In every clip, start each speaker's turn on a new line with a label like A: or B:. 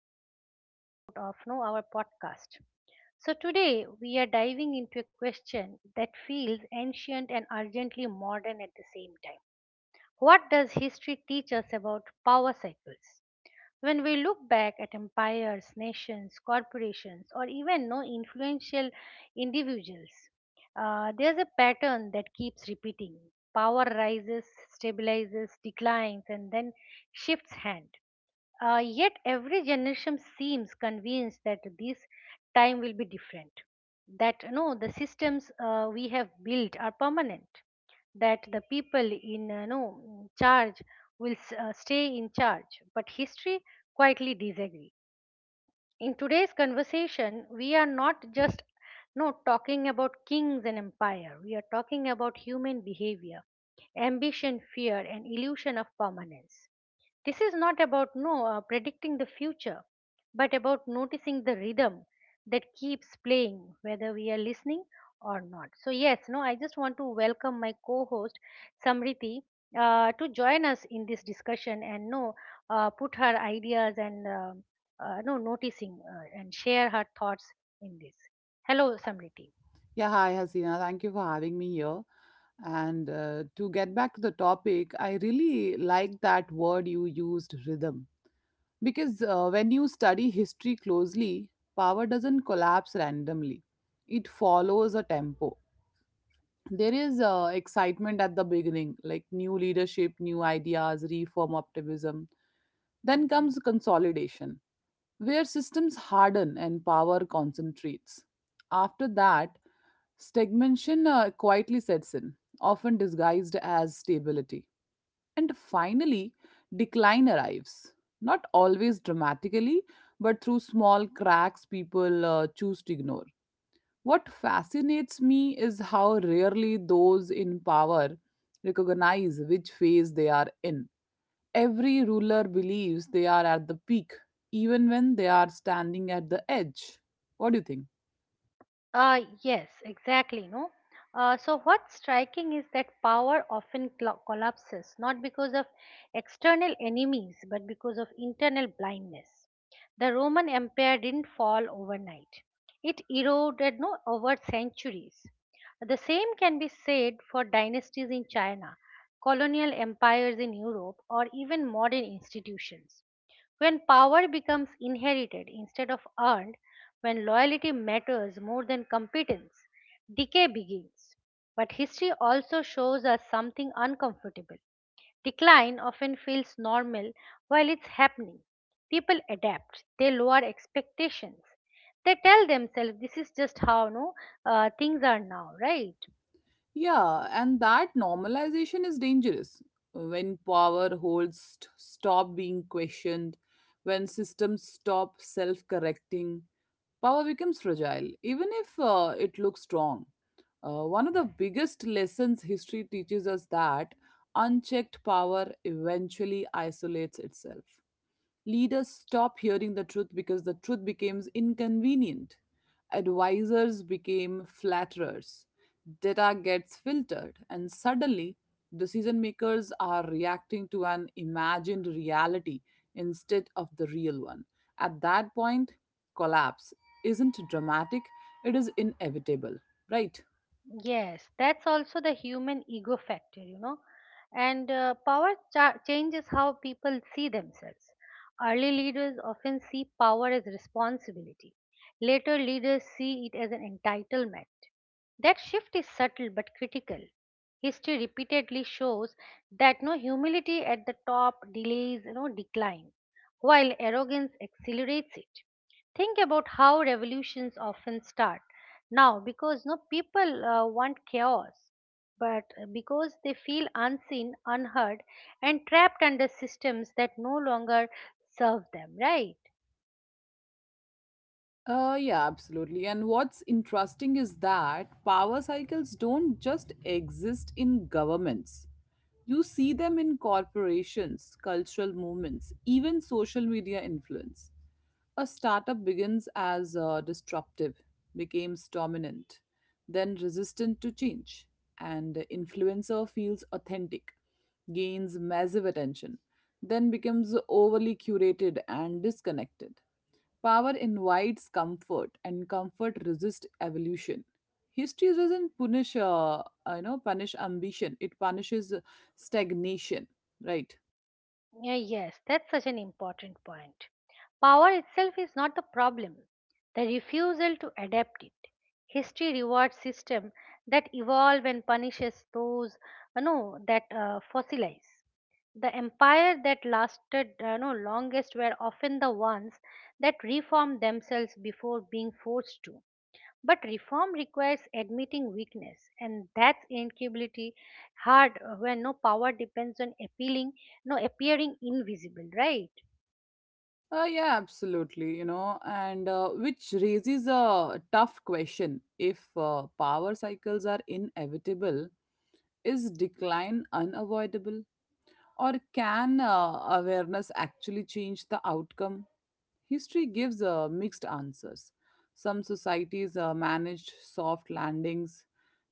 A: to the another episode of No Our podcast. So today we are diving into a question that feels ancient and urgently modern at the same time. What does history teach us about power cycles? When we look back at empires, nations, corporations, or even no influential individuals, there's a pattern that keeps repeating. Power rises, stabilizes, declines, and then shifts hand. Yet every generation seems convinced that this time will be different. That no, the systems we have built are permanent. That the people in no charge will stay in charge. But history quietly disagree. In today's conversation, we are not just no talking about kings and empire. We are talking about human behavior, ambition, fear, and illusion of permanence. This is not about no predicting the future, but about noticing the rhythm that keeps playing, whether we are listening or not. So yes, no, I just want to welcome my co-host Samriti to join us in this discussion and no put her ideas, and no noticing, and share her thoughts in this. Hello, Samriti.
B: Yeah, hi Hasina. Thank you for having me here. And to get back to the topic, I really like that word you used, rhythm. Because when you study history closely, power doesn't collapse randomly, it follows a tempo. There is excitement at the beginning, like new leadership, new ideas, reform optimism. Then comes consolidation where systems harden and power concentrates. After that, stagnation quietly sets in, often disguised as stability. And finally, decline arrives, not always dramatically, but through small cracks people choose to ignore. What fascinates me is how rarely those in power recognize which phase they are in. Every ruler believes they are at the peak, even when they are standing at the edge. What do you think?
A: Yes, exactly. No. So what's striking is that power often collapses not because of external enemies but because of internal blindness. The Roman Empire didn't fall overnight. It eroded no over centuries. The same can be said for dynasties in China, colonial empires in Europe, or even modern institutions. When power becomes inherited instead of earned, when loyalty matters more than competence, decay begins. But history also shows us something uncomfortable. Decline often feels normal while it's happening. People adapt, they lower expectations. They tell themselves this is just how no things are now, right?
B: Yeah, and that normalization is dangerous. When power stop being questioned, when systems stop self correcting, power becomes fragile, even if it looks strong. One of the biggest lessons history teaches us that unchecked power eventually isolates itself. Leaders stop hearing the truth because the truth becomes inconvenient. Advisors became flatterers. Data gets filtered, and suddenly decision makers are reacting to an imagined reality instead of the real one. At that point, collapse isn't dramatic, it is inevitable, right?
A: Yes, that's also the human ego factor. And power changes how people see themselves. Early leaders often see power as responsibility, later, leaders see it as an entitlement. That shift is subtle but critical. History repeatedly shows that no humility at the top delays no decline, while arrogance accelerates it. Think about how revolutions often start now, because no people want chaos, but because they feel unseen, unheard, and trapped under systems that no longer serve them, right?
B: Yeah, absolutely. And what's interesting is that power cycles don't just exist in governments. You see them in corporations, cultural movements, even social media influence. A startup begins as disruptive, becomes dominant, then resistant to change, and the influencer feels authentic, gains massive attention, then becomes overly curated and disconnected. Power invites comfort, and comfort resists evolution. History doesn't punish ambition. It punishes stagnation, right?
A: Yeah, yes, that's such an important point. Power itself is not the problem, the refusal to adapt it. History rewards systems that evolve and punishes those, you know that fossilize. The empire that lasted no longest were often the ones that reformed themselves before being forced to. But reform requires admitting weakness, and that's incapability hard, when no power depends on appealing, no appearing invisible, right?
B: Yeah, absolutely. And which raises a tough question: if power cycles are inevitable, is decline unavoidable? Or can awareness actually change the outcome? History gives mixed answers. Some societies managed soft landings,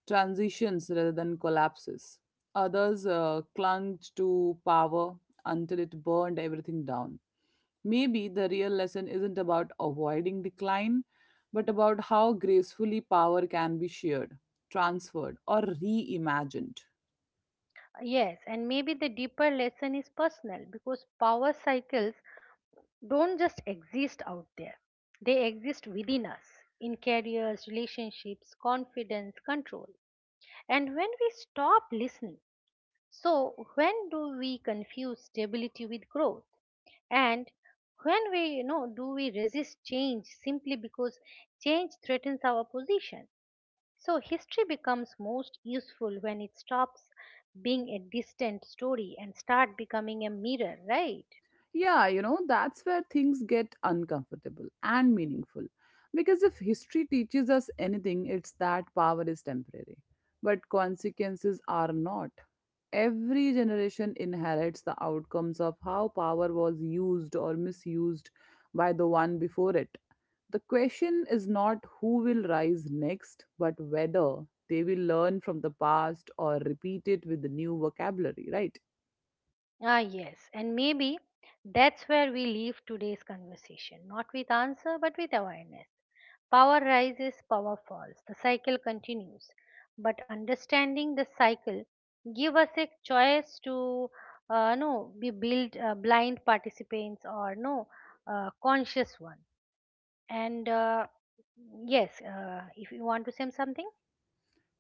B: transitions rather than collapses. Others clung to power until it burned everything down. Maybe the real lesson isn't about avoiding decline, but about how gracefully power can be shared, transferred, or reimagined.
A: Yes, and maybe the deeper lesson is personal because power cycles don't just exist out there, they exist within us in careers, relationships, confidence, control, and when we stop listening. So, when do we confuse stability with growth? And when do we resist change simply because change threatens our position? So, history becomes most useful when it stops being a distant story and start becoming a mirror, right?
B: Yeah, that's where things get uncomfortable and meaningful. Because if history teaches us anything, it's that power is temporary, but consequences are not. Every generation inherits the outcomes of how power was used or misused by the one before it. The question is not who will rise next, but whether they will learn from the past or repeat it with the new vocabulary, right?
A: Ah, yes, and maybe that's where we leave today's conversation, not with answer, but with awareness. Power rises, power falls. The cycle continues. But understanding the cycle give us a choice to no be build blind participants or no conscious one. And yes, if you want to say something.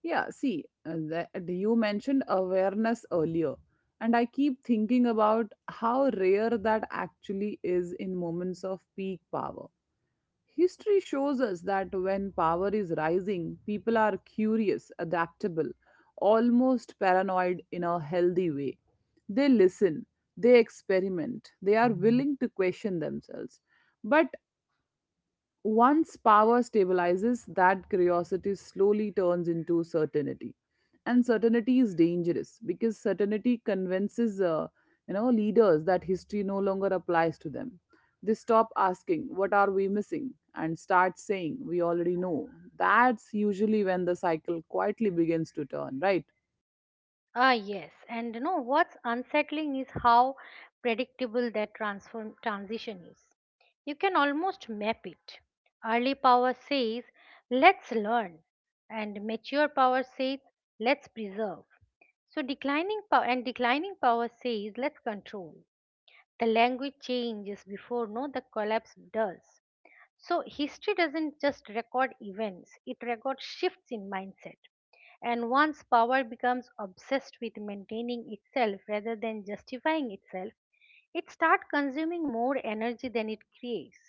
B: Yeah, see, you mentioned awareness earlier, and I keep thinking about how rare that actually is in moments of peak power. History shows us that when power is rising, people are curious, adaptable, almost paranoid in a healthy way. They listen, they experiment, they are willing to question themselves. But once power stabilizes, that curiosity slowly turns into certainty. And certainty is dangerous because certainty convinces leaders that history no longer applies to them. They stop asking, what are we missing? And start saying, we already know. That's usually when the cycle quietly begins to turn, right?
A: Ah, yes. And you know what's unsettling is how predictable that transform transition is. You can almost map it. Early power says, let's learn, and mature power says, let's preserve. So declining power says, let's control. The language changes before no the collapse does. So history doesn't just record events, it records shifts in mindset. And once power becomes obsessed with maintaining itself rather than justifying itself, it starts consuming more energy than it creates.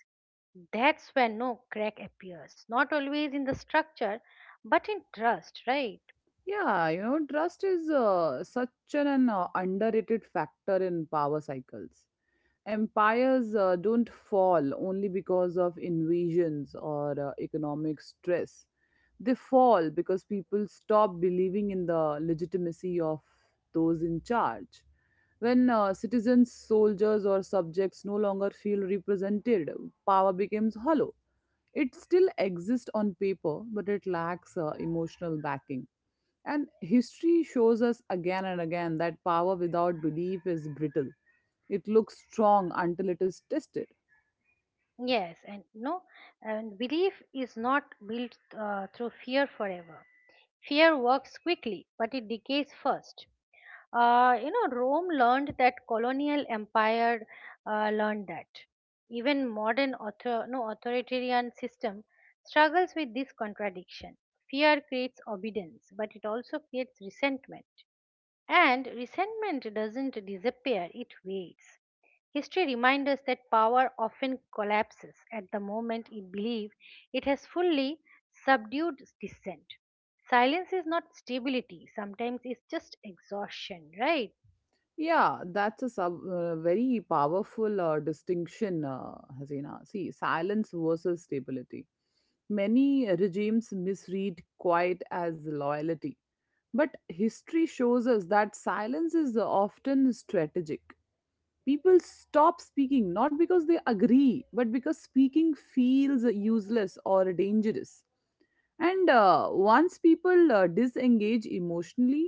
A: That's where crack appears, not always in the structure, but in trust, right?
B: Yeah, trust is such an underrated factor in power cycles. Empires don't fall only because of invasions or economic stress. They fall because people stop believing in the legitimacy of those in charge. When citizens, soldiers, or subjects no longer feel represented, power becomes hollow. It still exists on paper, but it lacks emotional backing. And history shows us again and again that power without belief is brittle. It looks strong until it is tested.
A: Yes, and belief is not built through fear forever. Fear works quickly, but it decays first. Rome learned that, colonial empire learned that. Even modern author, no, authoritarian system struggles with this contradiction. Fear creates obedience, but it also creates resentment. And resentment doesn't disappear, it waits. History reminds us that power often collapses at the moment it believes it has fully subdued dissent. Silence is not stability, sometimes it's just exhaustion, right?
B: Yeah, that's a very powerful distinction, Hasina. See, silence versus stability. Many regimes misread quiet as loyalty. But history shows us that silence is often strategic. People stop speaking not because they agree but because speaking feels useless or dangerous, and once people disengage emotionally,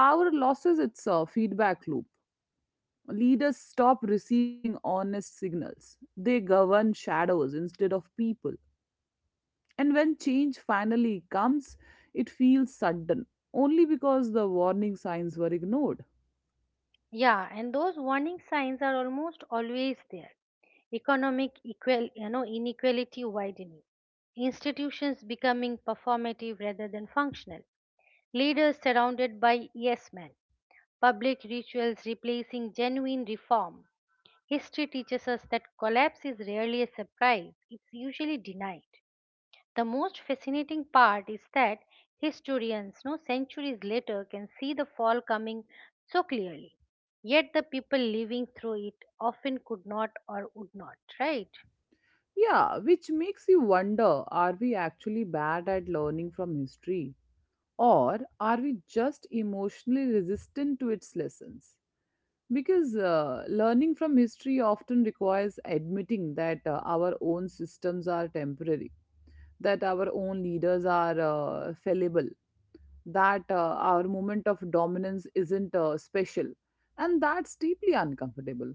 B: power loses its feedback loop. Leaders stop receiving honest signals, they govern shadows instead of people, and when change finally comes, it feels sudden only because the warning signs were ignored.
A: Yeah, and those warning signs are almost always there. Economic inequality widening, institutions becoming performative rather than functional, leaders surrounded by yes men, public rituals replacing genuine reform. History teaches us that collapse is rarely a surprise, it's usually denied. The most fascinating part is that historians, no centuries later, can see the fall coming so clearly. Yet the people living through it often could not or would not, right?
B: Yeah, which makes you wonder, are we actually bad at learning from history? Or are we just emotionally resistant to its lessons? Because learning from history often requires admitting that our own systems are temporary, that our own leaders are fallible, that our moment of dominance isn't special, and that's deeply uncomfortable.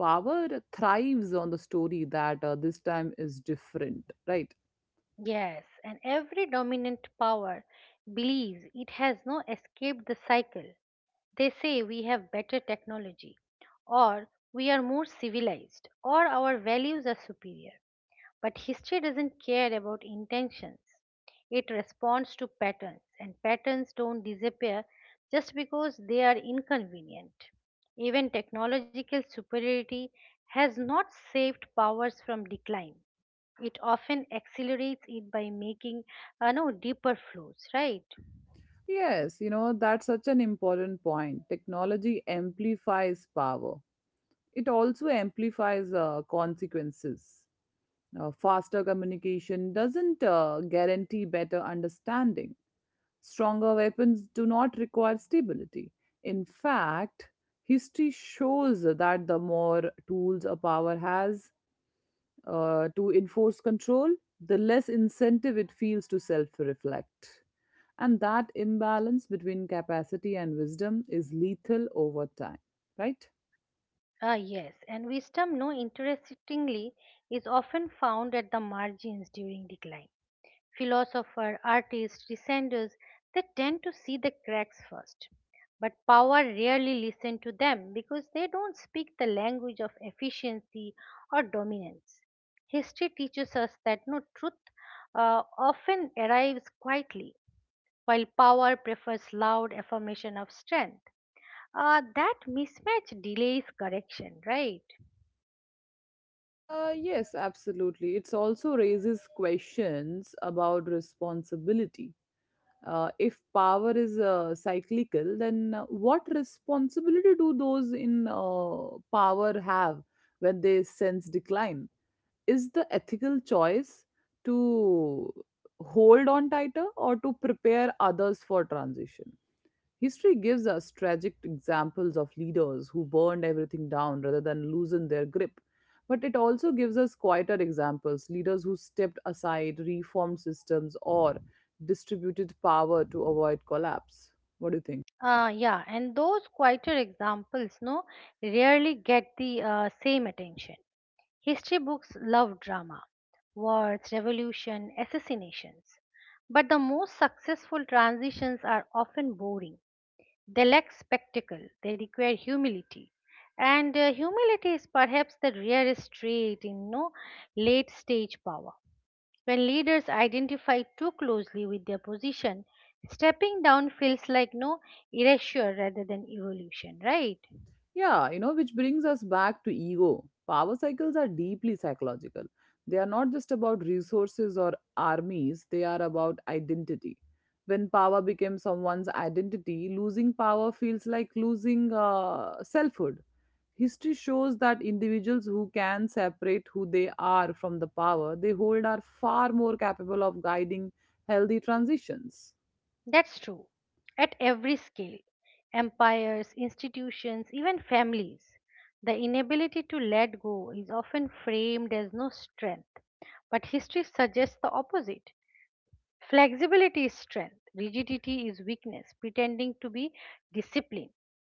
B: Power thrives on the story that this time is different, right?
A: Yes, and every dominant power believes it has no escaped the cycle. They say we have better technology, or we are more civilized, or our values are superior. But history doesn't care about intentions. It responds to patterns, and patterns don't disappear just because they are inconvenient. Even technological superiority has not saved powers from decline. It often accelerates it by making no deeper flows, right?
B: Yes, that's such an important point. Technology amplifies power, it also amplifies consequences. Faster communication doesn't guarantee better understanding. Stronger weapons do not require stability. In fact, history shows that the more tools a power has to enforce control, the less incentive it feels to self reflect. And that imbalance between capacity and wisdom is lethal over time, right?
A: Ah, yes, and wisdom, no interestingly, is often found at the margins during decline. Philosophers, artists, dissenters, they tend to see the cracks first. But power rarely listen to them because they don't speak the language of efficiency or dominance. History teaches us that no truth often arrives quietly, while power prefers loud affirmation of strength. That mismatch delays correction, right?
B: Yes, absolutely. It also raises questions about responsibility. If power is cyclical, then what responsibility do those in power have when they sense decline? Is the ethical choice to hold on tighter or to prepare others for transition? History gives us tragic examples of leaders who burned everything down rather than loosen their grip. But it also gives us quieter examples: leaders who stepped aside, reformed systems, or distributed power to avoid collapse. What do you think?
A: Yeah, and those quieter examples, no, rarely get the same attention. History books love drama, wars, revolution, assassinations. But the most successful transitions are often boring. They lack spectacle, they require humility. And humility is perhaps the rarest trait in no late stage power. When leaders identify too closely with their position, stepping down feels like no erasure rather than evolution, right?
B: Yeah, which brings us back to ego. Power cycles are deeply psychological. They are not just about resources or armies, they are about identity. When power becomes someone's identity, losing power feels like losing selfhood. History shows that individuals who can separate who they are from the power they hold are far more capable of guiding healthy transitions.
A: That's true. At every scale, empires, institutions, even families, the inability to let go is often framed as no strength, but history suggests the opposite. Flexibility is strength, rigidity is weakness, pretending to be discipline.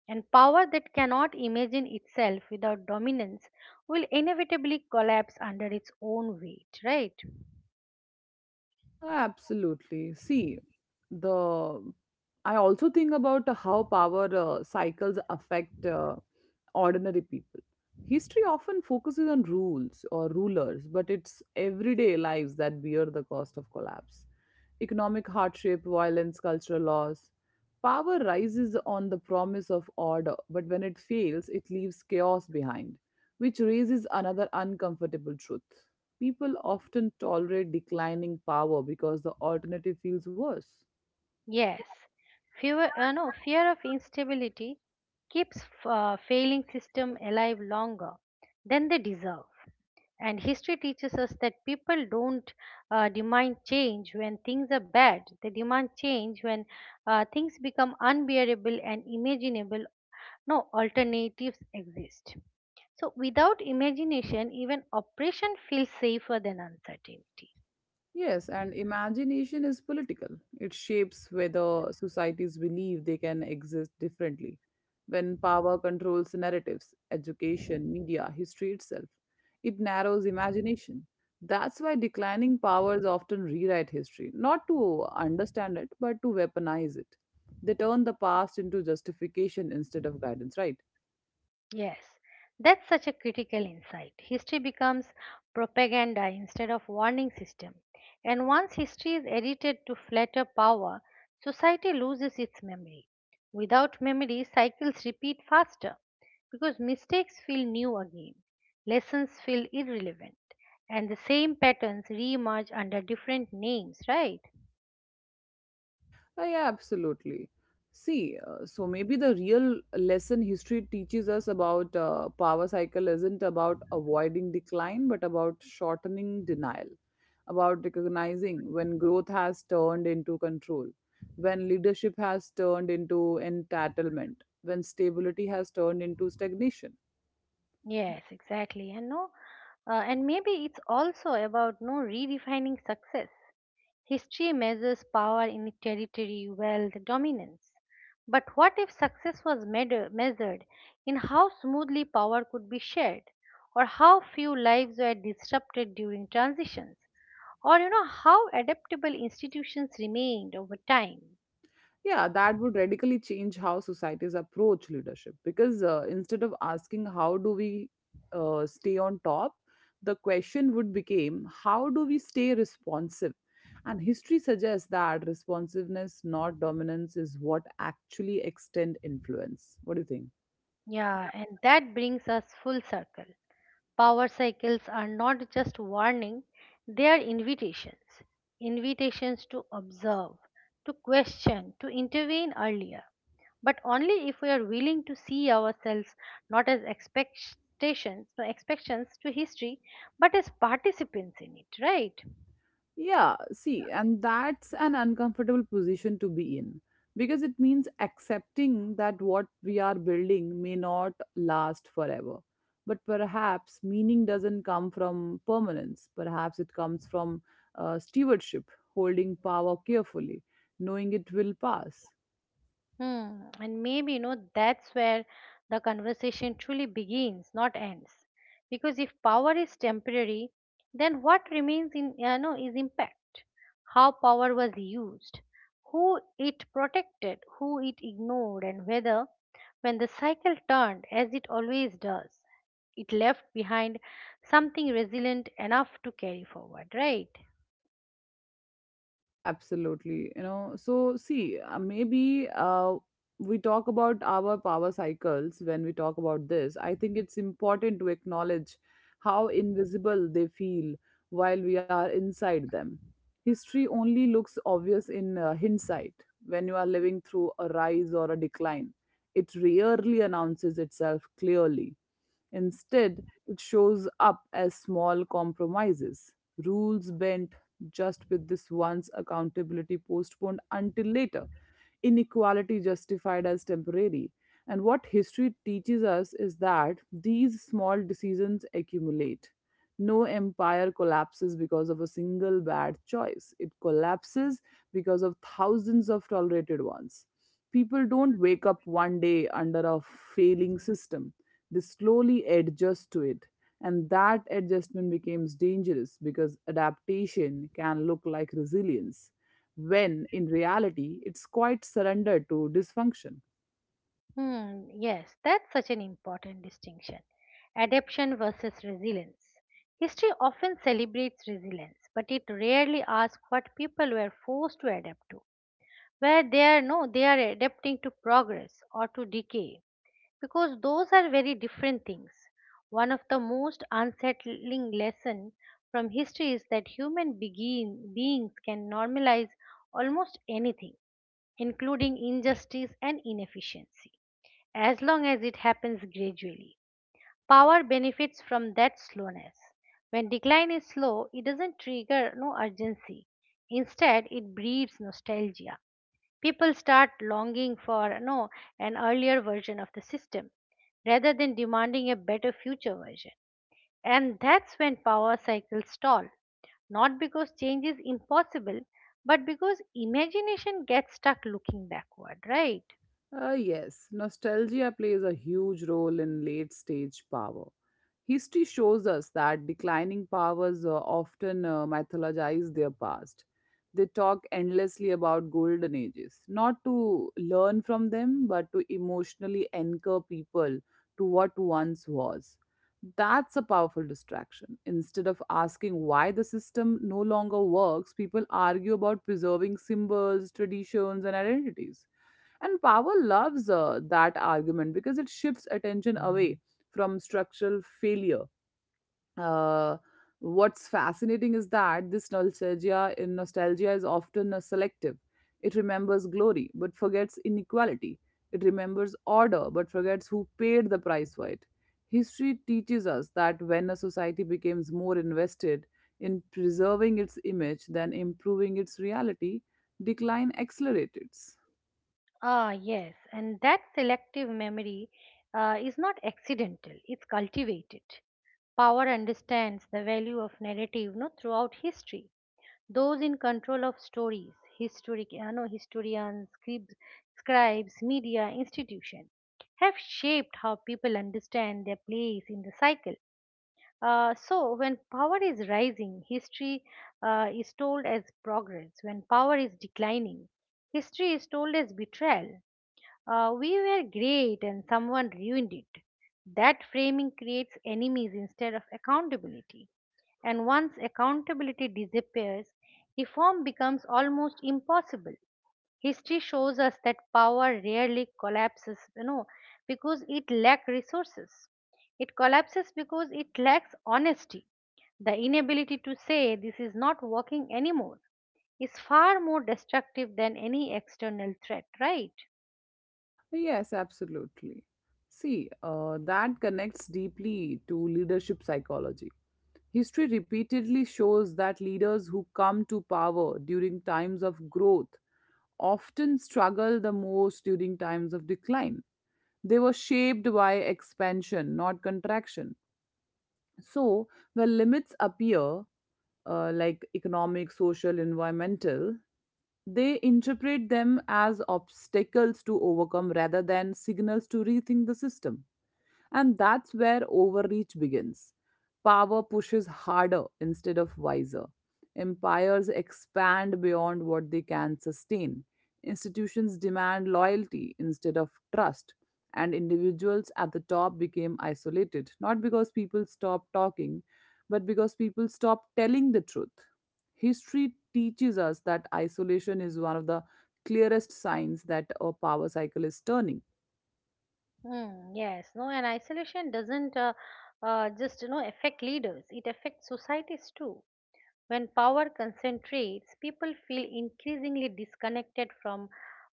A: And power that cannot imagine itself without dominance will inevitably collapse under its own weight, right?
B: Absolutely. See, the I also think about how power cycles affect ordinary people. History often focuses on rules or rulers, but it's everyday lives that bear the cost of collapse: economic hardship, violence, cultural loss. Power rises on the promise of order, but when it fails, it leaves chaos behind, which raises another uncomfortable truth. People often tolerate declining power because the alternative feels worse.
A: Yes. Fear, no, fear of instability keeps failing system alive longer than they deserve. And history teaches us that people don't demand change when things are bad. They demand change when things become unbearable and imaginable. No alternatives exist. So, without imagination, even oppression feels safer than uncertainty.
B: Yes, and imagination is political. It shapes whether societies believe they can exist differently. When power controls narratives, education, media, history itself, it narrows imagination. That's why declining powers often rewrite history, not to understand it, but to weaponize it. They turn the past into justification instead of guidance, right?
A: Yes, that's such a critical insight. History becomes propaganda instead of warning system. And once history is edited to flatter power, society loses its memory. Without memory, cycles repeat faster because mistakes feel new again, lessons feel irrelevant, and the same patterns reemerge under different names, right?
B: Yeah, absolutely. See, so maybe the real lesson history teaches us about power cycle isn't about avoiding decline, but about shortening denial, about recognizing when growth has turned into control, when leadership has turned into entitlement, when stability has turned into stagnation.
A: Yes, exactly. And no, and maybe it's also about no redefining success. History measures power in territory, wealth, dominance. But what if success was measured in how smoothly power could be shared, or how few lives were disrupted during transitions, or how adaptable institutions remained over time?
B: Yeah, that would radically change how societies approach leadership, because instead of asking how do we stay on top, the question would become how do we stay responsive? And history suggests that responsiveness, not dominance, is what actually extend influence. What do you think?
A: Yeah, and that brings us full circle. Power cycles are not just warning, they are invitations. Invitations to observe, to question, to intervene earlier, but only if we are willing to see ourselves not as expectations no expectations to history but as participants in it, right?
B: Yeah, see, and that's an uncomfortable position to be in, because it means accepting that what we are building may not last forever. But perhaps meaning doesn't come from permanence, perhaps it comes from stewardship, holding power carefully, knowing it will pass.
A: Hmm. And maybe that's where the conversation truly begins, not ends. Because if power is temporary, then what remains is impact. How power was used, who it protected, who it ignored, and whether, when the cycle turned, as it always does, it left behind something resilient enough to carry forward, right?
B: Absolutely. You know, so see, maybe we talk about our power cycles when we talk about this. I think it's important to acknowledge how invisible they feel while we are inside them. History only looks obvious in hindsight. When you are living through a rise or a decline, it rarely announces itself clearly. Instead, it shows up as small compromises, rules bent just with this once, accountability postponed until later, inequality justified as temporary. And what history teaches us is that these small decisions accumulate. No empire collapses because of a single bad choice. It collapses because of thousands of tolerated ones. People don't wake up one day under a failing system. They slowly adjust to it. And that adjustment becomes dangerous because adaptation can look like resilience, when in reality, it's quite surrender to dysfunction.
A: Hmm, yes, that's such an important distinction. Adaptation versus resilience. History often celebrates resilience, but it rarely asks what people were forced to adapt to. Where they are no, they are adapting to progress or to decay, because those are very different things. One of the most unsettling lessons from history is that human beings can normalize almost anything, including injustice and inefficiency as long as it happens gradually. Power benefits from that slowness. When decline is slow, it doesn't trigger no urgency. Instead, it breeds nostalgia. People start longing for no an earlier version of the system rather than demanding a better future version. And that's when power cycles stall, not because change is impossible, but because imagination gets stuck looking backward, right?
B: Yes, nostalgia plays a huge role in late stage power. History shows us that declining powers often mythologize their past. They talk endlessly about golden ages, not to learn from them, but to emotionally anchor people to what once was. That's a powerful distraction. Instead of asking why the system no longer works, people argue about preserving symbols, traditions, and identities, and power loves that argument because it shifts attention away from structural failure. Uh, what's fascinating is that this nostalgia is often a selective. It remembers glory but forgets inequality. It remembers order but forgets who paid the price for it. History teaches us that when a society becomes more invested in preserving its image than improving its reality, decline accelerates.
A: Ah, yes, and that selective memory is not accidental, it's cultivated. Power understands the value of narrative, no, throughout history. Those in control of stories, historic, no, historians, scribes, media, institutions, have shaped how people understand their place in the cycle. So, when power is rising, history is told as progress. When power is declining, history is told as betrayal. We were great and someone ruined it. That framing creates enemies instead of accountability. And once accountability disappears, reform becomes almost impossible. History shows us that power rarely collapses, because it lacks resources. It collapses because it lacks honesty. The inability to say this is not working anymore is far more destructive than any external threat, right?
B: Yes, absolutely. See, that connects deeply to leadership psychology. History repeatedly shows that leaders who come to power during times of growth often struggle the most during times of decline. They were shaped by expansion, not contraction. So, when limits appear, like economic, social, environmental, they interpret them as obstacles to overcome rather than signals to rethink the system. And that's where overreach begins. Power pushes harder instead of wiser. Empires expand beyond what they can sustain. Institutions demand loyalty instead of trust. And individuals at the top became isolated, not because people stopped talking, but because people stopped telling the truth. History teaches us that isolation is one of the clearest signs that a power cycle is turning.
A: Hmm. Yes, no, and isolation doesn't just affect leaders; it affects societies too. When power concentrates, people feel increasingly disconnected from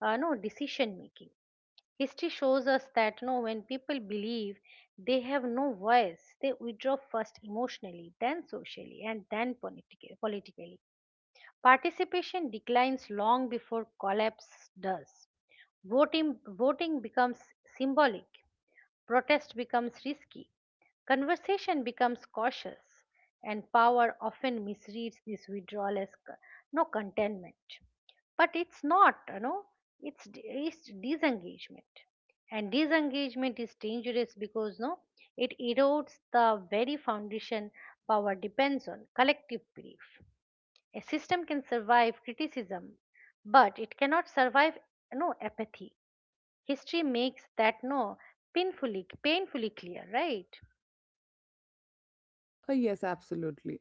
A: no decision making. History shows us that, no, when people believe they have no voice, they withdraw first emotionally, then socially, and then politically. Participation declines long before collapse does. Voting becomes symbolic. Protest becomes risky, conversation becomes cautious, and power often misreads this withdrawal as contentment. But it's not, it's, it's disengagement. And disengagement is dangerous because, no, it erodes the very foundation power depends on: collective belief. A system can survive criticism, but it cannot survive, no, apathy. History makes that, no, painfully clear, right?
B: Yes, absolutely.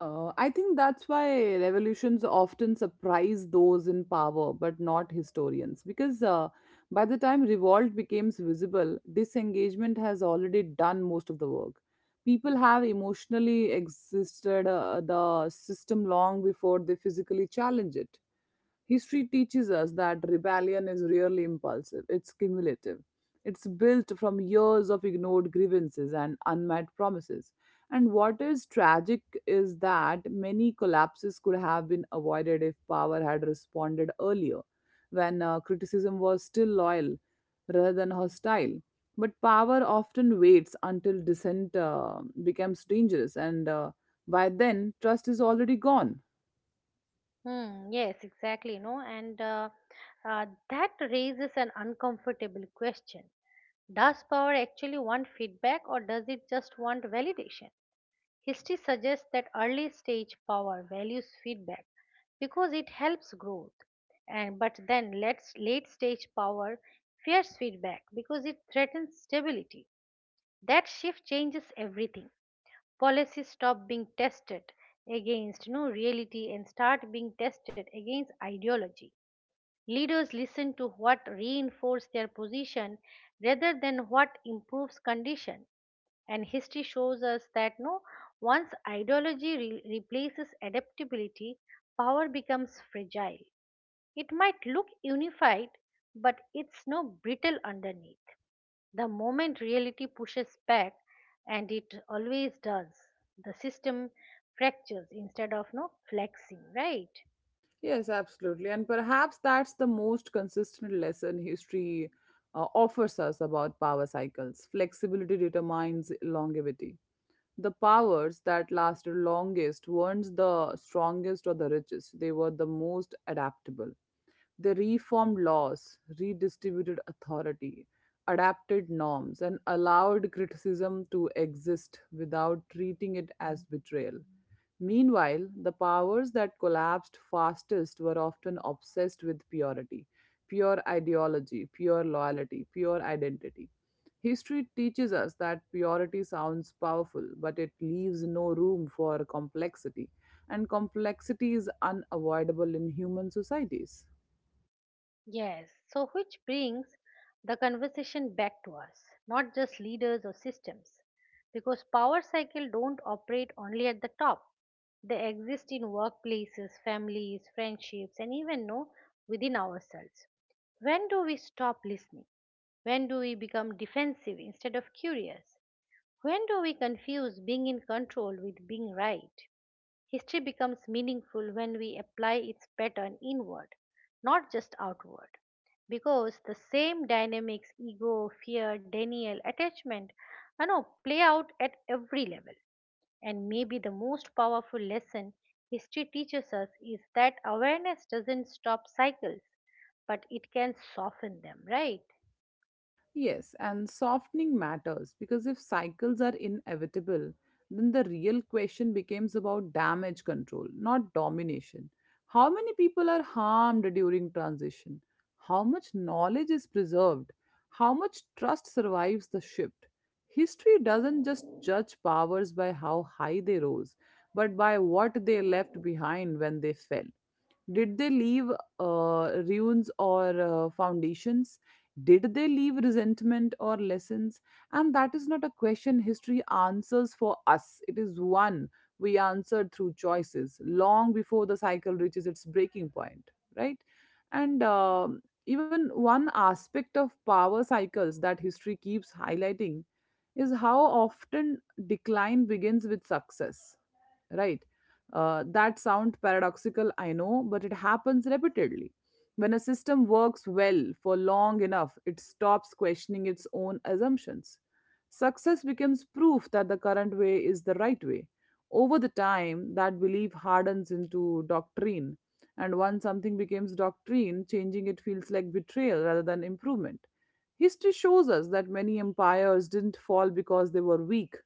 B: I think that's why revolutions often surprise those in power, but not historians, because by the time revolt becomes visible, disengagement has already done most of the work. People have emotionally existed the system long before they physically challenge it. History teaches us that rebellion is rarely impulsive, it's cumulative. It's built from years of ignored grievances and unmet promises. And what is tragic is that many collapses could have been avoided if power had responded earlier, when criticism was still loyal rather than hostile. But power often waits until dissent becomes dangerous, and by then, trust is already gone.
A: Yes, exactly. No, and That raises an uncomfortable question. Does power actually want feedback, or does it just want validation? History suggests that early stage power values feedback because it helps growth, and but then let's late stage power fears feedback because it threatens stability. That shift changes everything. Policies stop being tested against, no, reality and start being tested against ideology. Leaders listen to what reinforces their position rather than what improves condition. And history shows us that, no, once ideology replaces adaptability, power becomes fragile. It might look unified, but it's, no, brittle underneath. The moment reality pushes back, and it always does, the system fractures instead of, no, flexing, right?
B: Yes, absolutely. And perhaps that's the most consistent lesson history offers us about power cycles. Flexibility determines longevity. The powers that lasted longest weren't the strongest or the richest, they were the most adaptable. They reformed laws, redistributed authority, adapted norms, and allowed criticism to exist without treating it as betrayal. Meanwhile, the powers that collapsed fastest were often obsessed with purity, pure ideology, pure loyalty, pure identity. History teaches us that purity sounds powerful, but it leaves no room for complexity, and complexity is unavoidable in human societies.
A: Yes. So, which brings the conversation back to us, not just leaders or systems, because power cycle don't operate only at the top. They exist in workplaces, families, friendships, and even, no, within ourselves. When do we stop listening? When do we become defensive instead of curious? When do we confuse being in control with being right? History becomes meaningful when we apply its pattern inward, not just outward. Because the same dynamics, ego, fear, denial, attachment, I know, play out at every level. And maybe the most powerful lesson history teaches us is that awareness doesn't stop cycles, but it can soften them, right?
B: Yes, and softening matters because if cycles are inevitable, then the real question becomes about damage control, not domination. How many people are harmed during transition? How much knowledge is preserved? How much trust survives the shift? History doesn't just judge powers by how high they rose, but by what they left behind when they fell. Did they leave ruins or foundations? Did they leave resentment or lessons? And that is not a question history answers for us. It is one we answered through choices long before the cycle reaches its breaking point, right? And even one aspect of power cycles that history keeps highlighting is how often decline begins with success, right? That sounds paradoxical, I know, but it happens repeatedly. When a system works well for long enough, it stops questioning its own assumptions. Success becomes proof that the current way is the right way. Over the time, that belief hardens into doctrine. And once something becomes doctrine, changing it feels like betrayal rather than improvement. History shows us that many empires didn't fall because they were weak.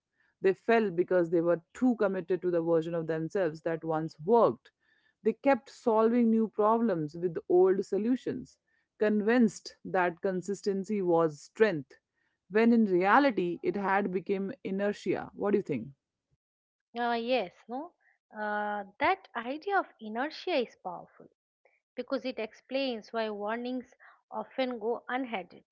B: They fell because they were too committed to the version of themselves that once worked. They kept solving new problems with old solutions, convinced that consistency was strength, when in reality it had become inertia. What do you think?
A: Yes, no? That idea of inertia is powerful because it explains why warnings often go unheeded.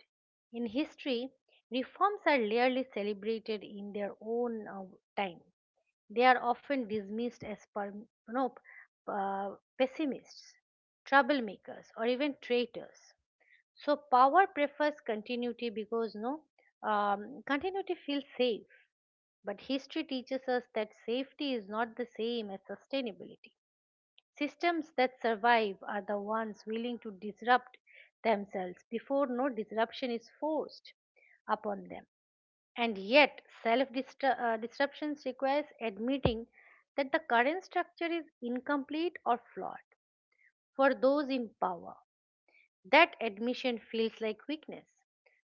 A: In history, reforms are rarely celebrated in their own time. They are often dismissed as per, uh, pessimists, troublemakers, or even traitors. So power prefers continuity because, no, continuity feels safe. But history teaches us that safety is not the same as sustainability. Systems that survive are the ones willing to disrupt themselves before, no, disruption is forced upon them. And yet, self disruptions requires admitting that the current structure is incomplete or flawed. For those in power, that admission feels like weakness,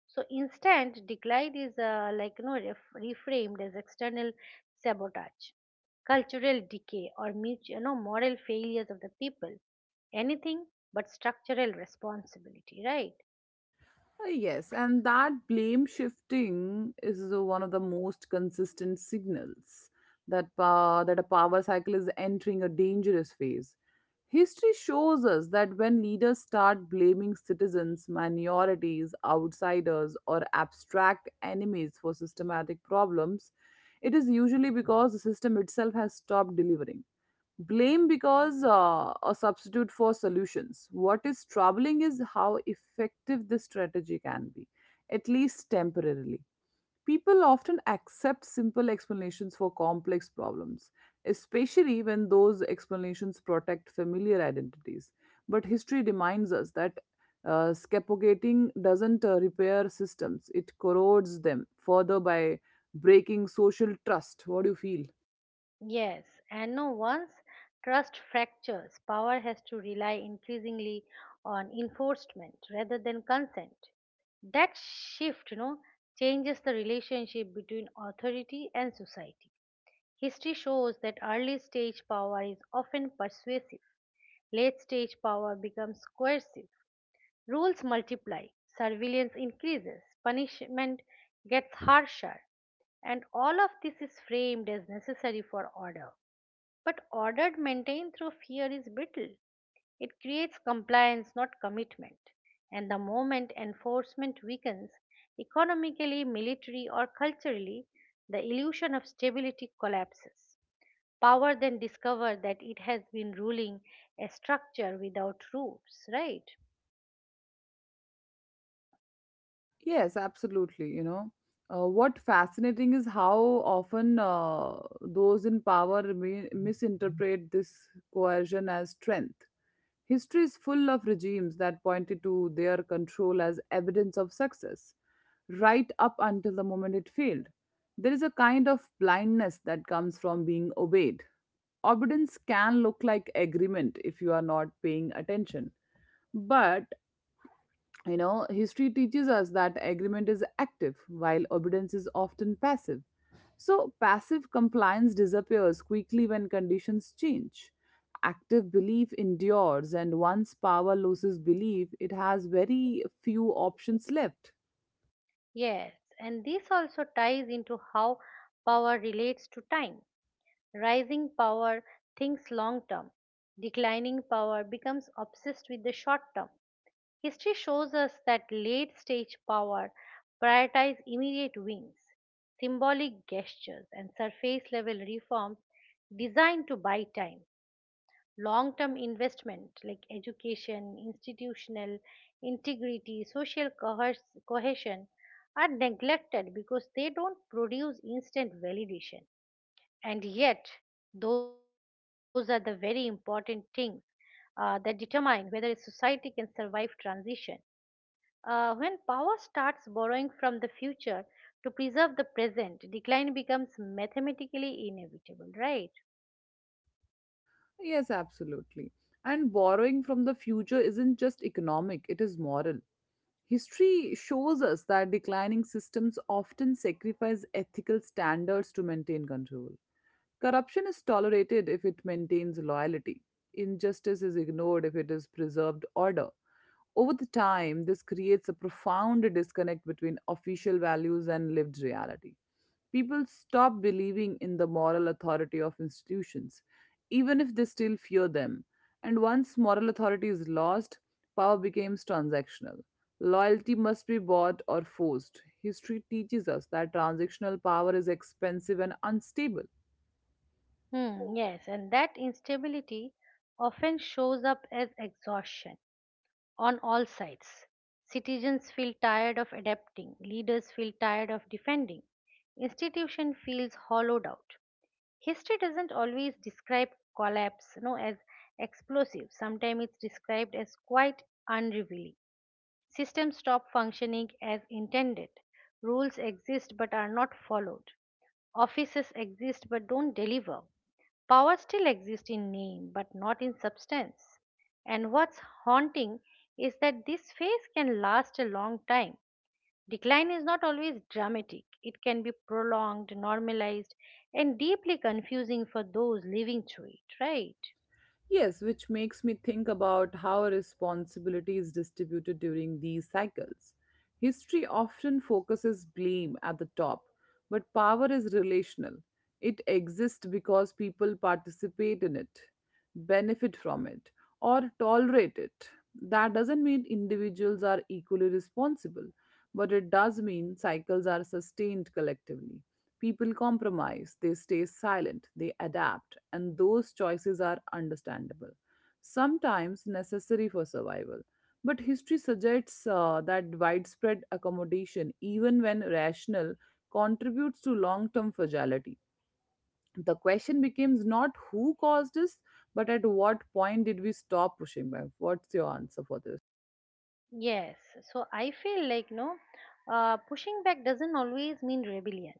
A: so instant decline is like, reframed as external sabotage, cultural decay, or mutual, moral failures of the people, anything but structural responsibility, right?
B: Yes, and that blame shifting is one of the most consistent signals that a power cycle is entering a dangerous phase. History shows us that when leaders start blaming citizens, minorities, outsiders, or abstract enemies for systematic problems, it is usually because the system itself has stopped delivering. Blame because a substitute for solutions. What is troubling is how effective this strategy can be, at least temporarily. People often accept simple explanations for complex problems, especially when those explanations protect familiar identities. But history reminds us that scapegoating doesn't repair systems, it corrodes them further by breaking social trust. What do you feel?
A: Yes, and, no, once trust fractures, power has to rely increasingly on enforcement rather than consent. That shift, changes the relationship between authority and society. History shows that early stage power is often persuasive; late stage power becomes coercive. Rules multiply, surveillance increases, punishment gets harsher, and all of this is framed as necessary for order. But order maintained through fear is brittle. It creates compliance, not commitment. And the moment enforcement weakens, economically, militarily, or culturally, the illusion of stability collapses. Power then discovered that it has been ruling a structure without roofs, right?
B: Yes, absolutely. You know, what fascinating is how often those in power misinterpret this coercion as strength. History is full of regimes that pointed to their control as evidence of success, right up until the moment it failed. There is a kind of blindness that comes from being obeyed. Obedience can look like agreement if you are not paying attention. But you know, history teaches us that agreement is active while obedience is often passive. So, passive compliance disappears quickly when conditions change. Active belief endures, and once power loses belief, it has very few options left.
A: Yes, and this also ties into how power relates to time. Rising power thinks long term; declining power becomes obsessed with the short term. History shows us that late stage power prioritizes immediate wins, symbolic gestures, and surface level reforms designed to buy time. Long term investment like education, institutional integrity, social cohesion are neglected because they don't produce instant validation. And yet, those are the very important things that determine whether a society can survive transition. When power starts borrowing from the future to preserve the present, decline becomes mathematically inevitable, right?
B: Yes, absolutely. And borrowing from the future isn't just economic, it is moral. History shows us that declining systems often sacrifice ethical standards to maintain control. Corruption is tolerated if it maintains loyalty. Injustice is ignored if it is preserved order. Over the time, this creates a profound disconnect between official values and lived reality. People stop believing in the moral authority of institutions, even if they still fear them. And once moral authority is lost, power becomes transactional. Loyalty must be bought or forced. History teaches us that transactional power is expensive and unstable.
A: Yes, and that instability often shows up as exhaustion on all sides. Citizens feel tired of adapting, leaders feel tired of defending, institution feels hollowed out. History doesn't always describe collapse, as explosive. Sometimes it's described as quite unrevealing. Systems stop functioning as intended. Rules exist but are not followed. Offices exist but don't deliver. Power still exists in name but not in substance. And what's haunting is that this phase can last a long time. Decline is not always dramatic, it can be prolonged, normalized, and deeply confusing for those living through it, right?
B: Yes, which makes me think about how responsibility is distributed during these cycles. History often focuses blame at the top, but power is relational. It exists because people participate in it, benefit from it, or tolerate it. That doesn't mean individuals are equally responsible, but it does mean cycles are sustained collectively. People compromise, they stay silent, they adapt, and those choices are understandable, sometimes necessary for survival. But history suggests that widespread accommodation, even when rational, contributes to long term fragility. The question becomes not who caused this, but at what point did we stop pushing back? What's your answer for this?
A: Yes, so I feel like, no, pushing back doesn't always mean rebellion.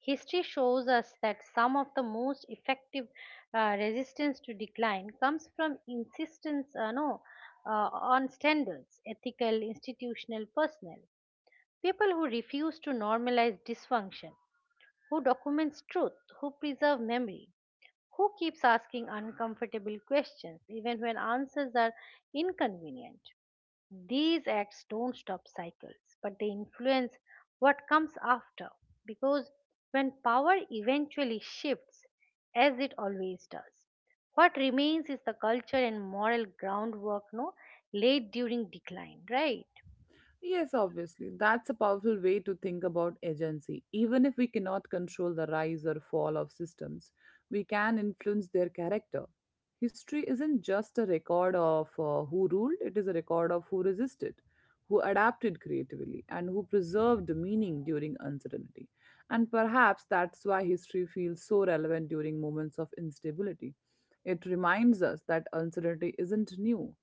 A: History shows us that some of the most effective resistance to decline comes from insistence, no, on standards, ethical, institutional, personal. People who refuse to normalize dysfunction, who documents truth, who preserve memory, who keeps asking uncomfortable questions even when answers are inconvenient. These acts don't stop cycles, but they influence what comes after. Because when power eventually shifts, as it always does, what remains is the culture and moral groundwork, no, laid during decline, right?
B: Yes, obviously. That's a powerful way to think about agency. Even if we cannot control the rise or fall of systems, we can influence their character. History isn't just a record of who ruled, it is a record of who resisted, who adapted creatively, and who preserved meaning during uncertainty. And perhaps that's why history feels so relevant during moments of instability. It reminds us that uncertainty isn't new,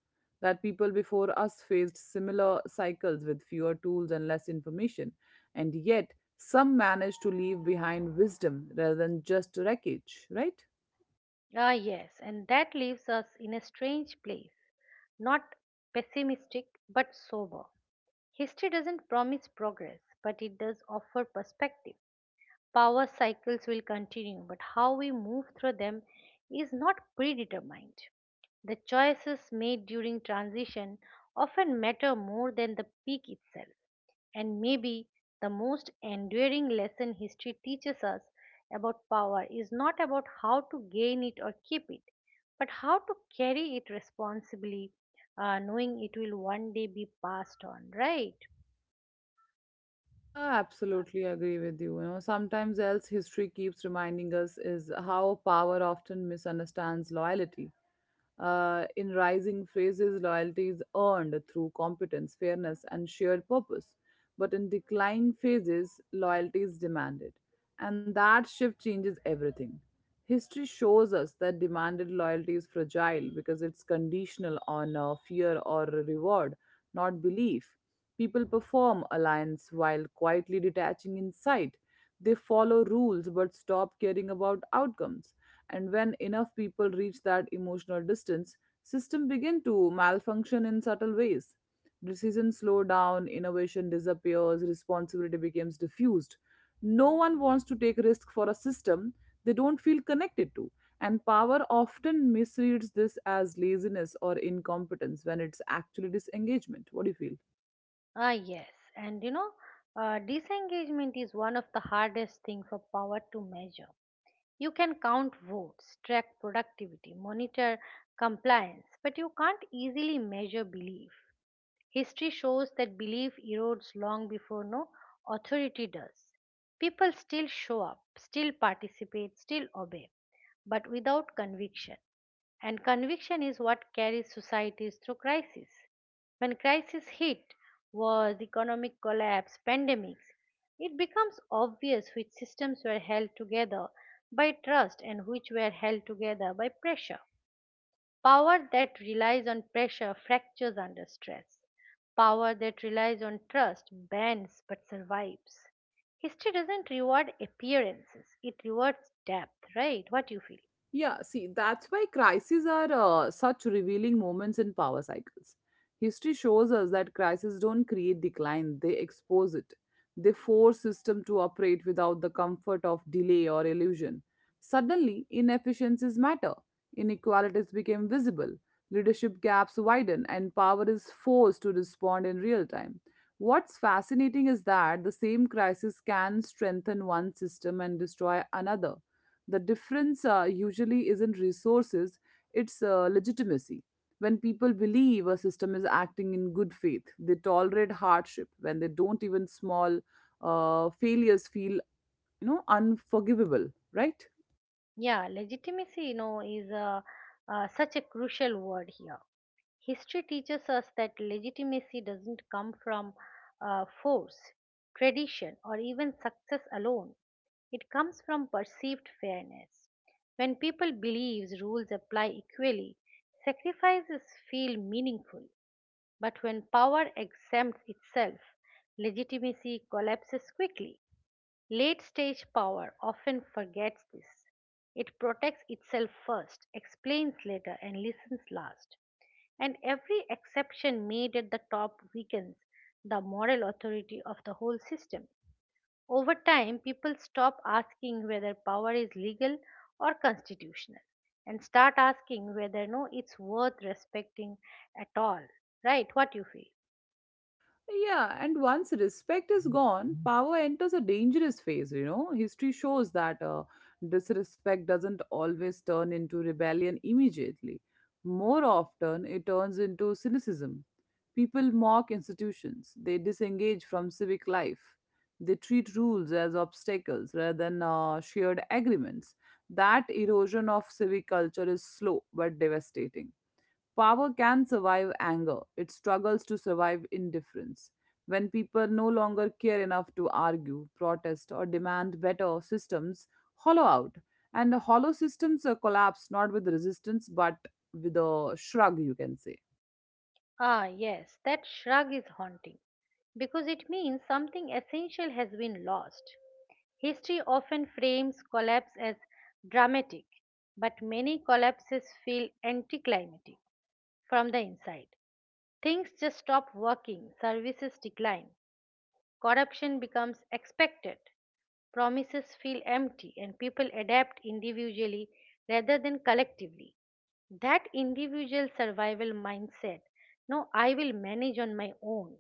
B: that people before us faced similar cycles with fewer tools and less information, and yet some managed to leave behind wisdom rather than just wreckage, right?
A: Yes, and that leaves us in a strange place, not pessimistic but sober. History doesn't promise progress, but it does offer perspective. Power cycles will continue, but how we move through them is not predetermined. The choices made during transition often matter more than the peak itself, and maybe the most enduring lesson history teaches us about power is not about how to gain it or keep it, but how to carry it responsibly, knowing it will one day be passed on, right?
B: Absolutely agree with you. You know, sometimes else history keeps reminding us is how power often misunderstands loyalty. In rising phrases, loyalty is earned through competence, fairness, and shared purpose. But in declining phases, loyalty is demanded. And that shift changes everything. History shows us that demanded loyalty is fragile because it's conditional on fear or reward, not belief. People perform alliance while quietly detaching inside. They follow rules but stop caring about outcomes. And when enough people reach that emotional distance, systems begin to malfunction in subtle ways. Decisions slow down, innovation disappears, responsibility becomes diffused. No one wants to take risk for a system they don't feel connected to, and power often misreads this as laziness or incompetence when it's actually disengagement. What do you feel?
A: Yes. And, disengagement is one of the hardest things for power to measure. You can count votes, track productivity, monitor compliance, but you can't easily measure belief. History shows that belief erodes long before, no, authority does. People still show up, still participate, still obey, but without conviction. And conviction is what carries societies through crisis. When crisis hit, wars, economic collapse, pandemics, it becomes obvious which systems were held together by trust and which were held together by pressure. Power that relies on pressure fractures under stress. Power that relies on trust bends but survives. History doesn't reward appearances, it rewards depth, right? What you feel?
B: Yeah, see, that's why crises are such revealing moments in power cycles. History shows us that crises don't create decline, they expose it. They force system to operate without the comfort of delay or illusion. Suddenly, inefficiencies matter, inequalities become visible, leadership gaps widen, and power is forced to respond in real time. What's fascinating is that the same crisis can strengthen one system and destroy another. The difference usually isn't resources, it's legitimacy. When people believe a system is acting in good faith, they tolerate hardship. When they don't, even small failures feel, you know, unforgivable, right?
A: Yeah, legitimacy, is a, such a crucial word here. History teaches us that legitimacy doesn't come from force, tradition, or even success alone. It comes from perceived fairness. When people believe rules apply equally, sacrifices feel meaningful. But when power exempts itself, legitimacy collapses quickly. Late stage power often forgets this. It protects itself first, explains later, and listens last, and every exception made at the top weakens the moral authority of the whole system. Over time, people stop asking whether power is legal or constitutional and start asking whether, no, it's worth respecting at all. Right? What you feel?
B: Yeah, and once respect is gone, power enters a dangerous phase, you know. History shows that disrespect doesn't always turn into rebellion immediately. More often, it turns into cynicism. People mock institutions, they disengage from civic life, they treat rules as obstacles rather than shared agreements. That erosion of civic culture is slow but devastating. Power can survive anger, it struggles to survive indifference. When people no longer care enough to argue, protest, or demand better systems, hollow out. And hollow systems collapse not with resistance but with a shrug, you can say.
A: Yes, that shrug is haunting because it means something essential has been lost. History often frames collapse as dramatic, but many collapses feel anticlimactic from the inside. Things just stop working, services decline, corruption becomes expected, promises feel empty, and people adapt individually rather than collectively. That individual survival mindset, no, I will manage on my own,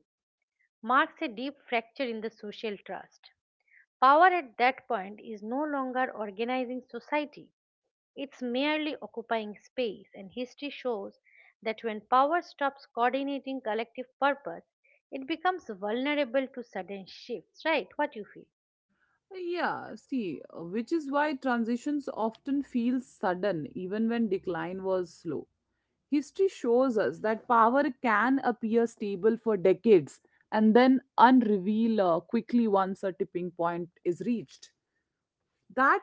A: marks a deep fracture in the social trust. Power at that point is no longer organizing society, it's merely occupying space, and history shows that when power stops coordinating collective purpose, it becomes vulnerable to sudden shifts, right? What you feel?
B: Yeah, see, which is why transitions often feel sudden even when decline was slow. History shows us that power can appear stable for decades and then unreveal quickly once a tipping point is reached. That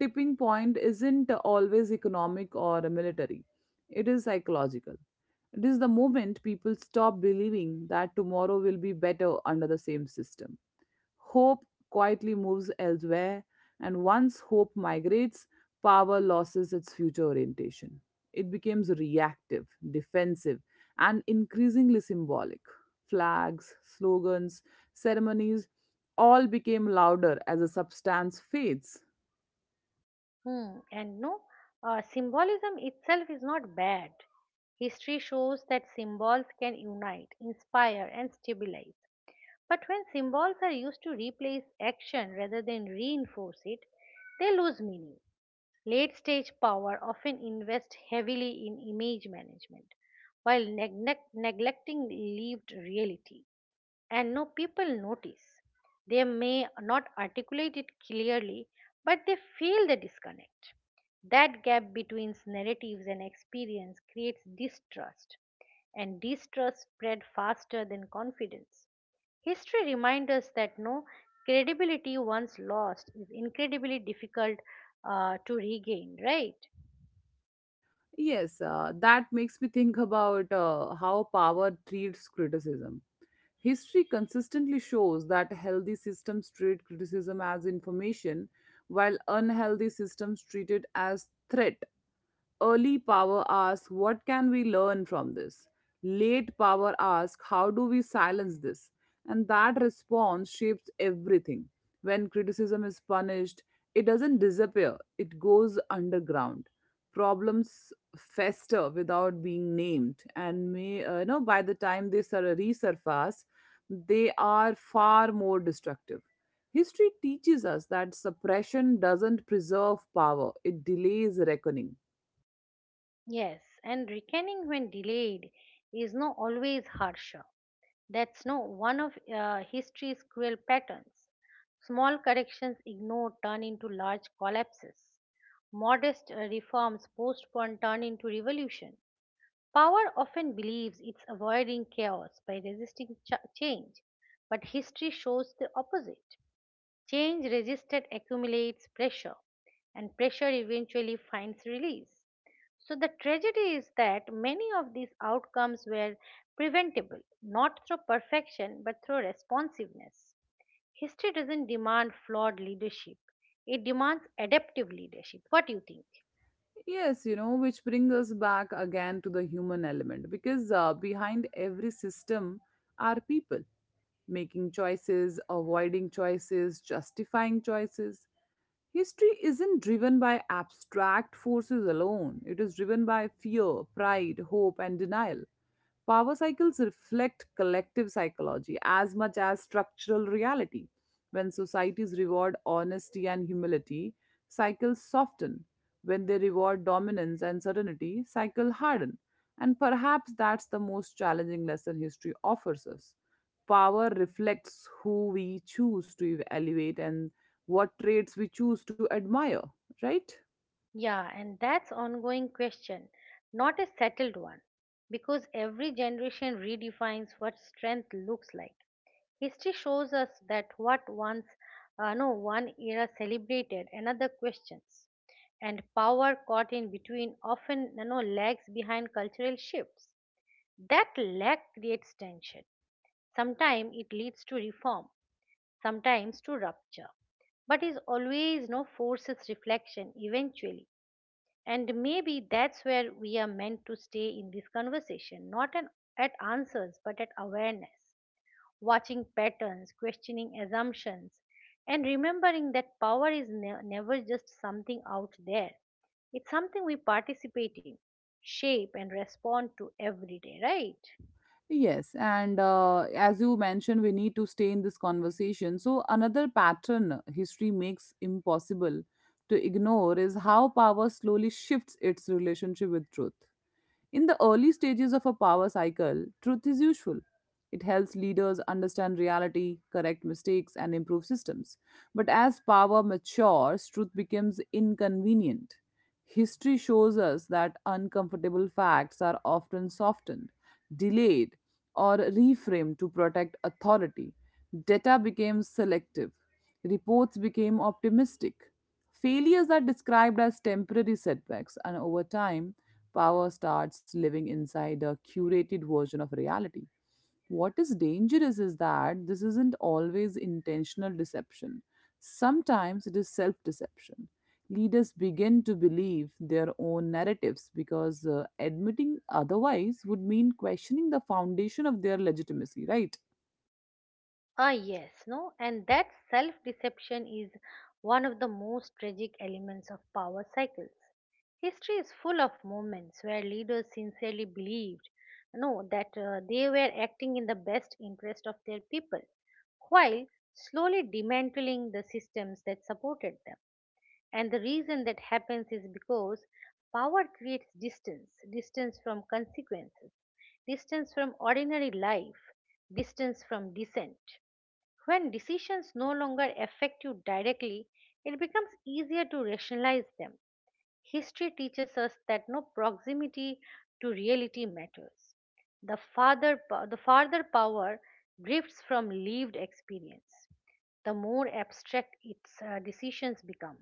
B: tipping point isn't always economic or military, it is psychological. It is the moment people stop believing that tomorrow will be better under the same system. Hope quietly moves elsewhere, and once hope migrates, power loses its future orientation. It becomes reactive, defensive, and increasingly symbolic. Flags, slogans, ceremonies all became louder as the substance fades.
A: Hmm. And, no, symbolism itself is not bad. History shows that symbols can unite, inspire, and stabilize. But when symbols are used to replace action rather than reinforce it, they lose meaning. Late stage power often invests heavily in image management while neglecting lived reality, and, no, people notice. They may not articulate it clearly, but they feel the disconnect. That gap between narratives and experience creates distrust, and distrust spread faster than confidence. History reminds us that, no, credibility once lost is incredibly difficult to regain, right?
B: Yes, that makes me think about how power treats criticism. History consistently shows that healthy systems treat criticism as information, while unhealthy systems treat it as threat. Early power asks, "What can we learn from this?" Late power asks, "How do we silence this?" And that response shapes everything. When criticism is punished, it doesn't disappear, it goes underground. Problems fester without being named, and by the time they resurface, they are far more destructive. History teaches us that suppression doesn't preserve power, it delays reckoning.
A: Yes, and reckoning when delayed is, no, always harsher. That's, no, one of history's cruel patterns. Small corrections ignored turn into large collapses. Modest reforms postponed turn into revolution. Power often believes it's avoiding chaos by resisting change, but history shows the opposite. Change resisted accumulates pressure, and pressure eventually finds release. So, the tragedy is that many of these outcomes were preventable, not through perfection but through responsiveness. History doesn't demand flawed leadership, it demands adaptive leadership. What do you think?
B: Yes, you know, which brings us back again to the human element because behind every system are people making choices, avoiding choices, justifying choices. History isn't driven by abstract forces alone, it is driven by fear, pride, hope, and denial. Power cycles reflect collective psychology as much as structural reality. When societies reward honesty and humility, cycles soften. When they reward dominance and certainty, cycles harden. And perhaps that's the most challenging lesson history offers us. Power reflects who we choose to elevate and what traits we choose to admire, right?
A: Yeah, and that's ongoing question, not a settled one, because every generation redefines what strength looks like. History shows us that what once, no, one era celebrated, another questions, and power caught in between often, lags behind cultural shifts. That lag creates tension. Sometimes it leads to reform, sometimes to rupture, but is always no forces reflection eventually. And maybe that's where we are meant to stay in this conversation, not an, at answers, but at awareness, watching patterns, questioning assumptions, and remembering that power is never just something out there. It's something we participate in, shape, and respond to every day, right?
B: Yes, and as you mentioned, we need to stay in this conversation. So, another pattern history makes impossible to ignore is how power slowly shifts its relationship with truth. In the early stages of a power cycle, truth is useful. It helps leaders understand reality, correct mistakes, and improve systems. But as power matures, truth becomes inconvenient. History shows us that uncomfortable facts are often softened, delayed, or reframed to protect authority. Data became selective. Reports became optimistic. Failures are described as temporary setbacks, and over time, power starts living inside a curated version of reality. What is dangerous is that this isn't always intentional deception, sometimes it is self deception. Leaders begin to believe their own narratives because admitting otherwise would mean questioning the foundation of their legitimacy, right?
A: Ah, yes, no? And that self deception is one of the most tragic elements of power cycles. History is full of moments where leaders sincerely believed no that they were acting in the best interest of their people while slowly dismantling the systems that supported them. And the reason that happens is because power creates distance, distance from consequences, distance from ordinary life, distance from dissent. When decisions no longer affect you directly, it becomes easier to rationalize them. History teaches us that no proximity to reality matters. The farther, the farther power drifts from lived experience, the more abstract its decisions become.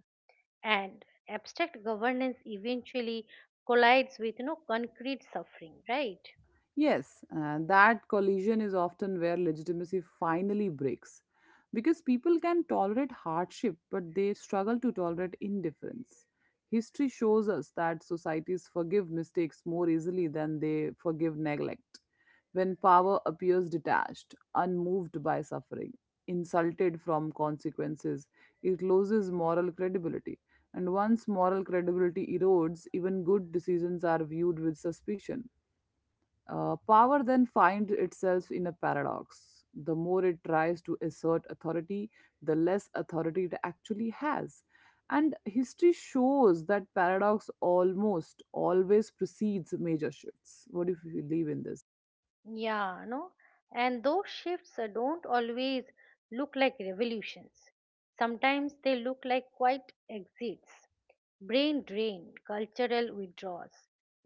A: And abstract governance eventually collides with no concrete suffering, right?
B: Yes, that collision is often where legitimacy finally breaks because people can tolerate hardship but they struggle to tolerate indifference. History shows us that societies forgive mistakes more easily than they forgive neglect. When power appears detached, unmoved by suffering, insulted from consequences, it loses moral credibility. And once moral credibility erodes, even good decisions are viewed with suspicion. Power then finds itself in a paradox. The more it tries to assert authority, the less authority it actually has. And history shows that paradox almost always precedes major shifts. What do you believe in this?
A: Yeah, no? And those shifts don't always look like revolutions. Sometimes they look like quiet exits, brain drain, cultural withdrawals,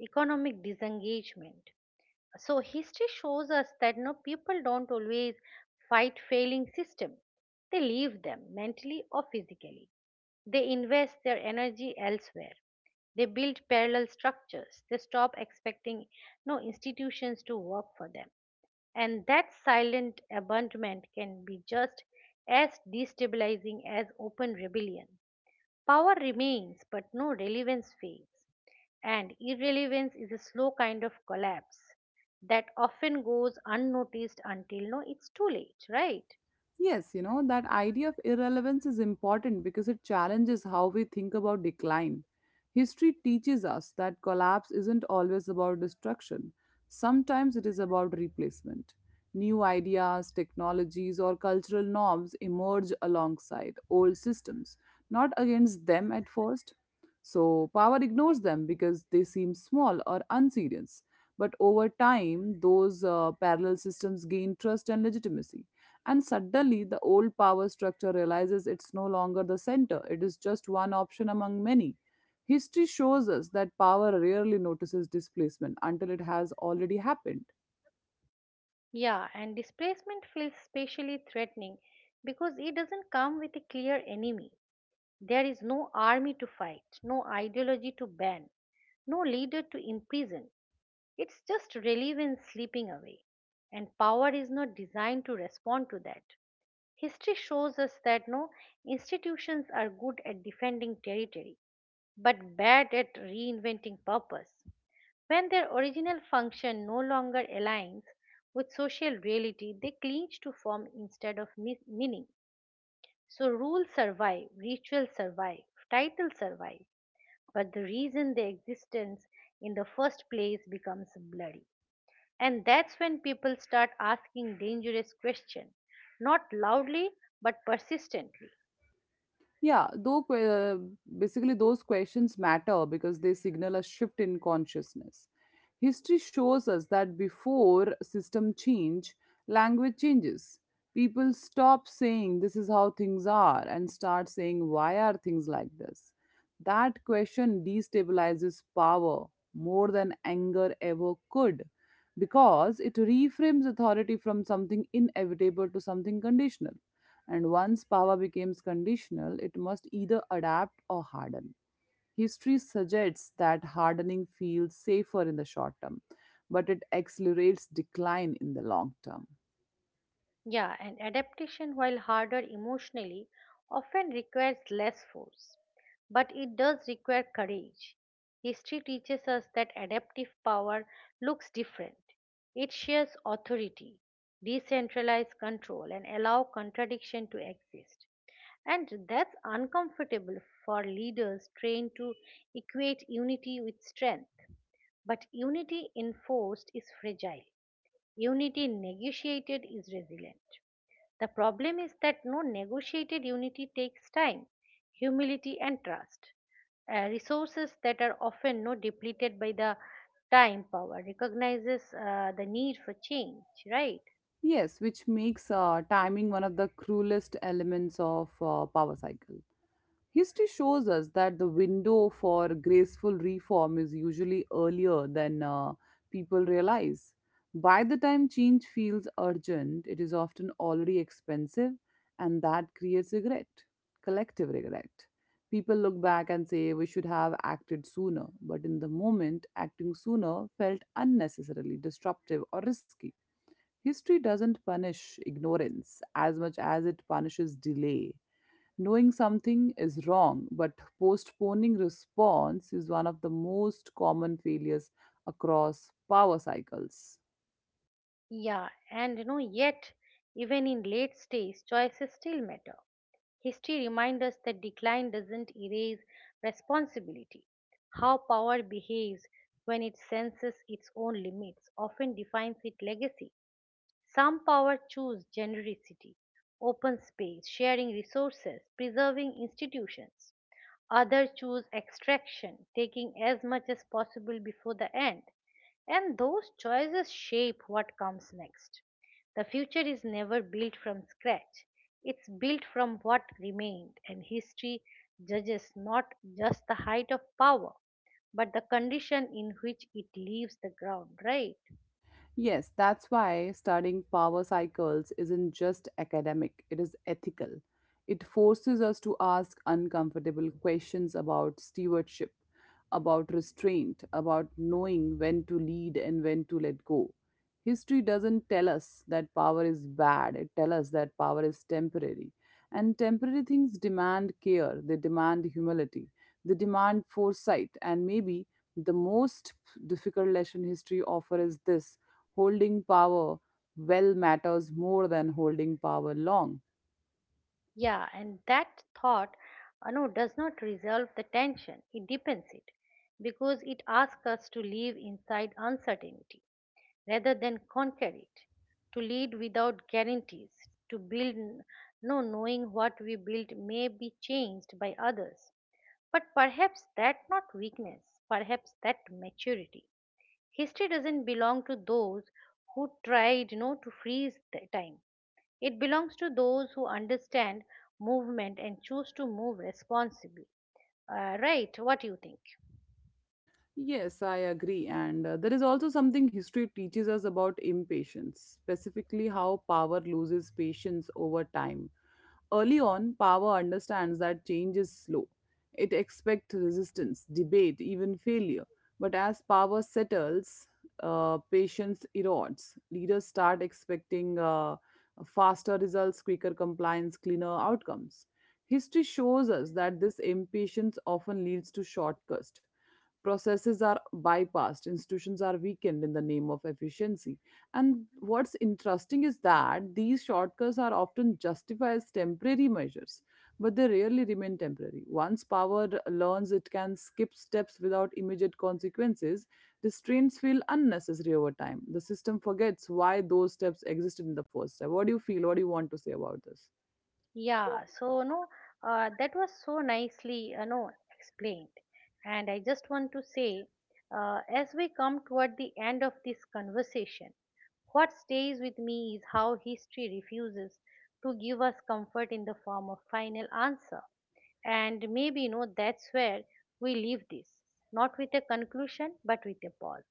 A: economic disengagement. So history shows us that no people don't always fight failing system. They leave them mentally or physically. They invest their energy elsewhere. They build parallel structures. They stop expecting no institutions to work for them. And that silent abandonment can be just as destabilizing as open rebellion. Power remains, but no relevance fades, and irrelevance is a slow kind of collapse that often goes unnoticed until no, it's too late, right?
B: Yes, you know, that idea of irrelevance is important because it challenges how we think about decline. History teaches us that collapse isn't always about destruction, sometimes it is about replacement. New ideas, technologies, or cultural norms emerge alongside old systems, not against them at first. So power ignores them because they seem small or unserious. But over time, those parallel systems gain trust and legitimacy. And suddenly, the old power structure realizes it's no longer the center, it is just one option among many. History shows us that power rarely notices displacement until it has already happened.
A: Yeah, and displacement feels especially threatening because it doesn't come with a clear enemy. There is no army to fight, no ideology to ban, no leader to imprison. It's just relevance slipping away, and power is not designed to respond to that. History shows us that no institutions are good at defending territory but bad at reinventing purpose when their original function no longer aligns with social reality. They clinch to form instead of meaning. So rules survive, rituals survive, titles survive, but the reason their existence in the first place becomes blurry. And that's when people start asking dangerous questions, not loudly, but persistently.
B: Yeah, though basically those questions matter because they signal a shift in consciousness. History shows us that before system change, language changes. People stop saying this is how things are and start saying why are things like this. That question destabilizes power more than anger ever could because it reframes authority from something inevitable to something conditional, and once power becomes conditional, it must either adapt or harden. History suggests that hardening feels safer in the short term, but it accelerates decline in the long term.
A: Yeah, and adaptation, while harder emotionally, often requires less force. But it does require courage. History teaches us that adaptive power looks different. It shares authority, decentralized control, and allow contradiction to exist. And that's uncomfortable for leaders trained to equate unity with strength. But unity enforced is fragile. Unity negotiated is resilient. The problem is that no negotiated unity takes time, humility, and trust. Resources that are often no depleted by the time power recognizes the need for change, right?
B: Yes, which makes timing one of the cruelest elements of power cycle. History shows us that the window for graceful reform is usually earlier than people realize. By the time change feels urgent, it is often already expensive, and that creates regret, collective regret. People look back and say, "We should have acted sooner," but in the moment, acting sooner felt unnecessarily disruptive or risky. History doesn't punish ignorance as much as it punishes delay. Knowing something is wrong, but postponing response is one of the most common failures across power cycles.
A: Yeah, and you know, yet even in late stage, choices still matter. History reminds us that decline doesn't erase responsibility. How power behaves when it senses its own limits often defines its legacy. Some power choose genericity, open space, sharing resources, preserving institutions. Others choose extraction, taking as much as possible before the end. And those choices shape what comes next. The future is never built from scratch, it's built from what remained, and history judges not just the height of power, but the condition in which it leaves the ground, right?
B: Yes, that's why studying power cycles isn't just academic, it is ethical. It forces us to ask uncomfortable questions about stewardship, about restraint, about knowing when to lead and when to let go. History doesn't tell us that power is bad, it tells us that power is temporary. And temporary things demand care, they demand humility. They demand foresight, and maybe the most difficult lesson history offers is this: holding power well matters more than holding power long.
A: Yeah, and that thought, no, does not resolve the tension. It deepens it because it asks us to live inside uncertainty rather than conquer it, to lead without guarantees, to build no knowing what we build may be changed by others. But perhaps that not weakness, perhaps that maturity. History doesn't belong to those who tried no to freeze the time. It belongs to those who understand movement and choose to move responsibly. Right? What do you think?
B: Yes, I agree. And there is also something history teaches us about impatience, specifically how power loses patience over time. Early on, power understands that change is slow. It expects resistance, debate, even failure. But as power settles, patience erodes. Leaders start expecting faster results, quicker compliance, cleaner outcomes. History shows us that this impatience often leads to shortcuts. Processes are bypassed, institutions are weakened in the name of efficiency, and what's interesting is that these shortcuts are often justified as temporary measures, but they rarely remain temporary. Once power learns it can skip steps without immediate consequences, restraints feel unnecessary. Over time, the system forgets why those steps existed in the first step. What do you feel? What do you want to say about this?
A: Yeah, so no, that was so nicely, no, explained. And I just want to say, as we come toward the end of this conversation, what stays with me is how history refuses to give us comfort in the form of final answer. And maybe, you know, that's where we leave this, not with a conclusion, but with a pause.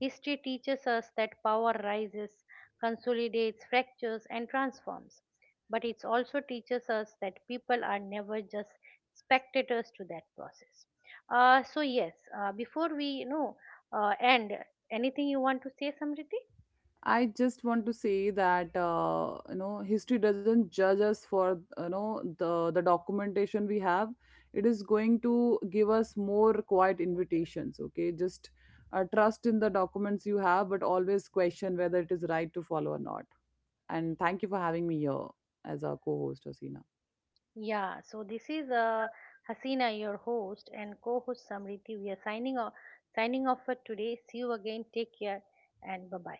A: History teaches us that power rises, consolidates, fractures, and transforms. But it also teaches us that people are never just spectators to that process. So, yes, before we end, anything you want to say, Samriti?
B: I just want to say that you know, history doesn't judge us for you know the documentation we have. It is going to give us more quiet invitations. Okay, just trust in the documents you have, but always question whether it is right to follow or not. And thank you for having me here as a co-host, Asina.
A: Yeah, so this is Hasina, your host and co-host Samriti. We are signing off for today. See you again. Take care and bye bye.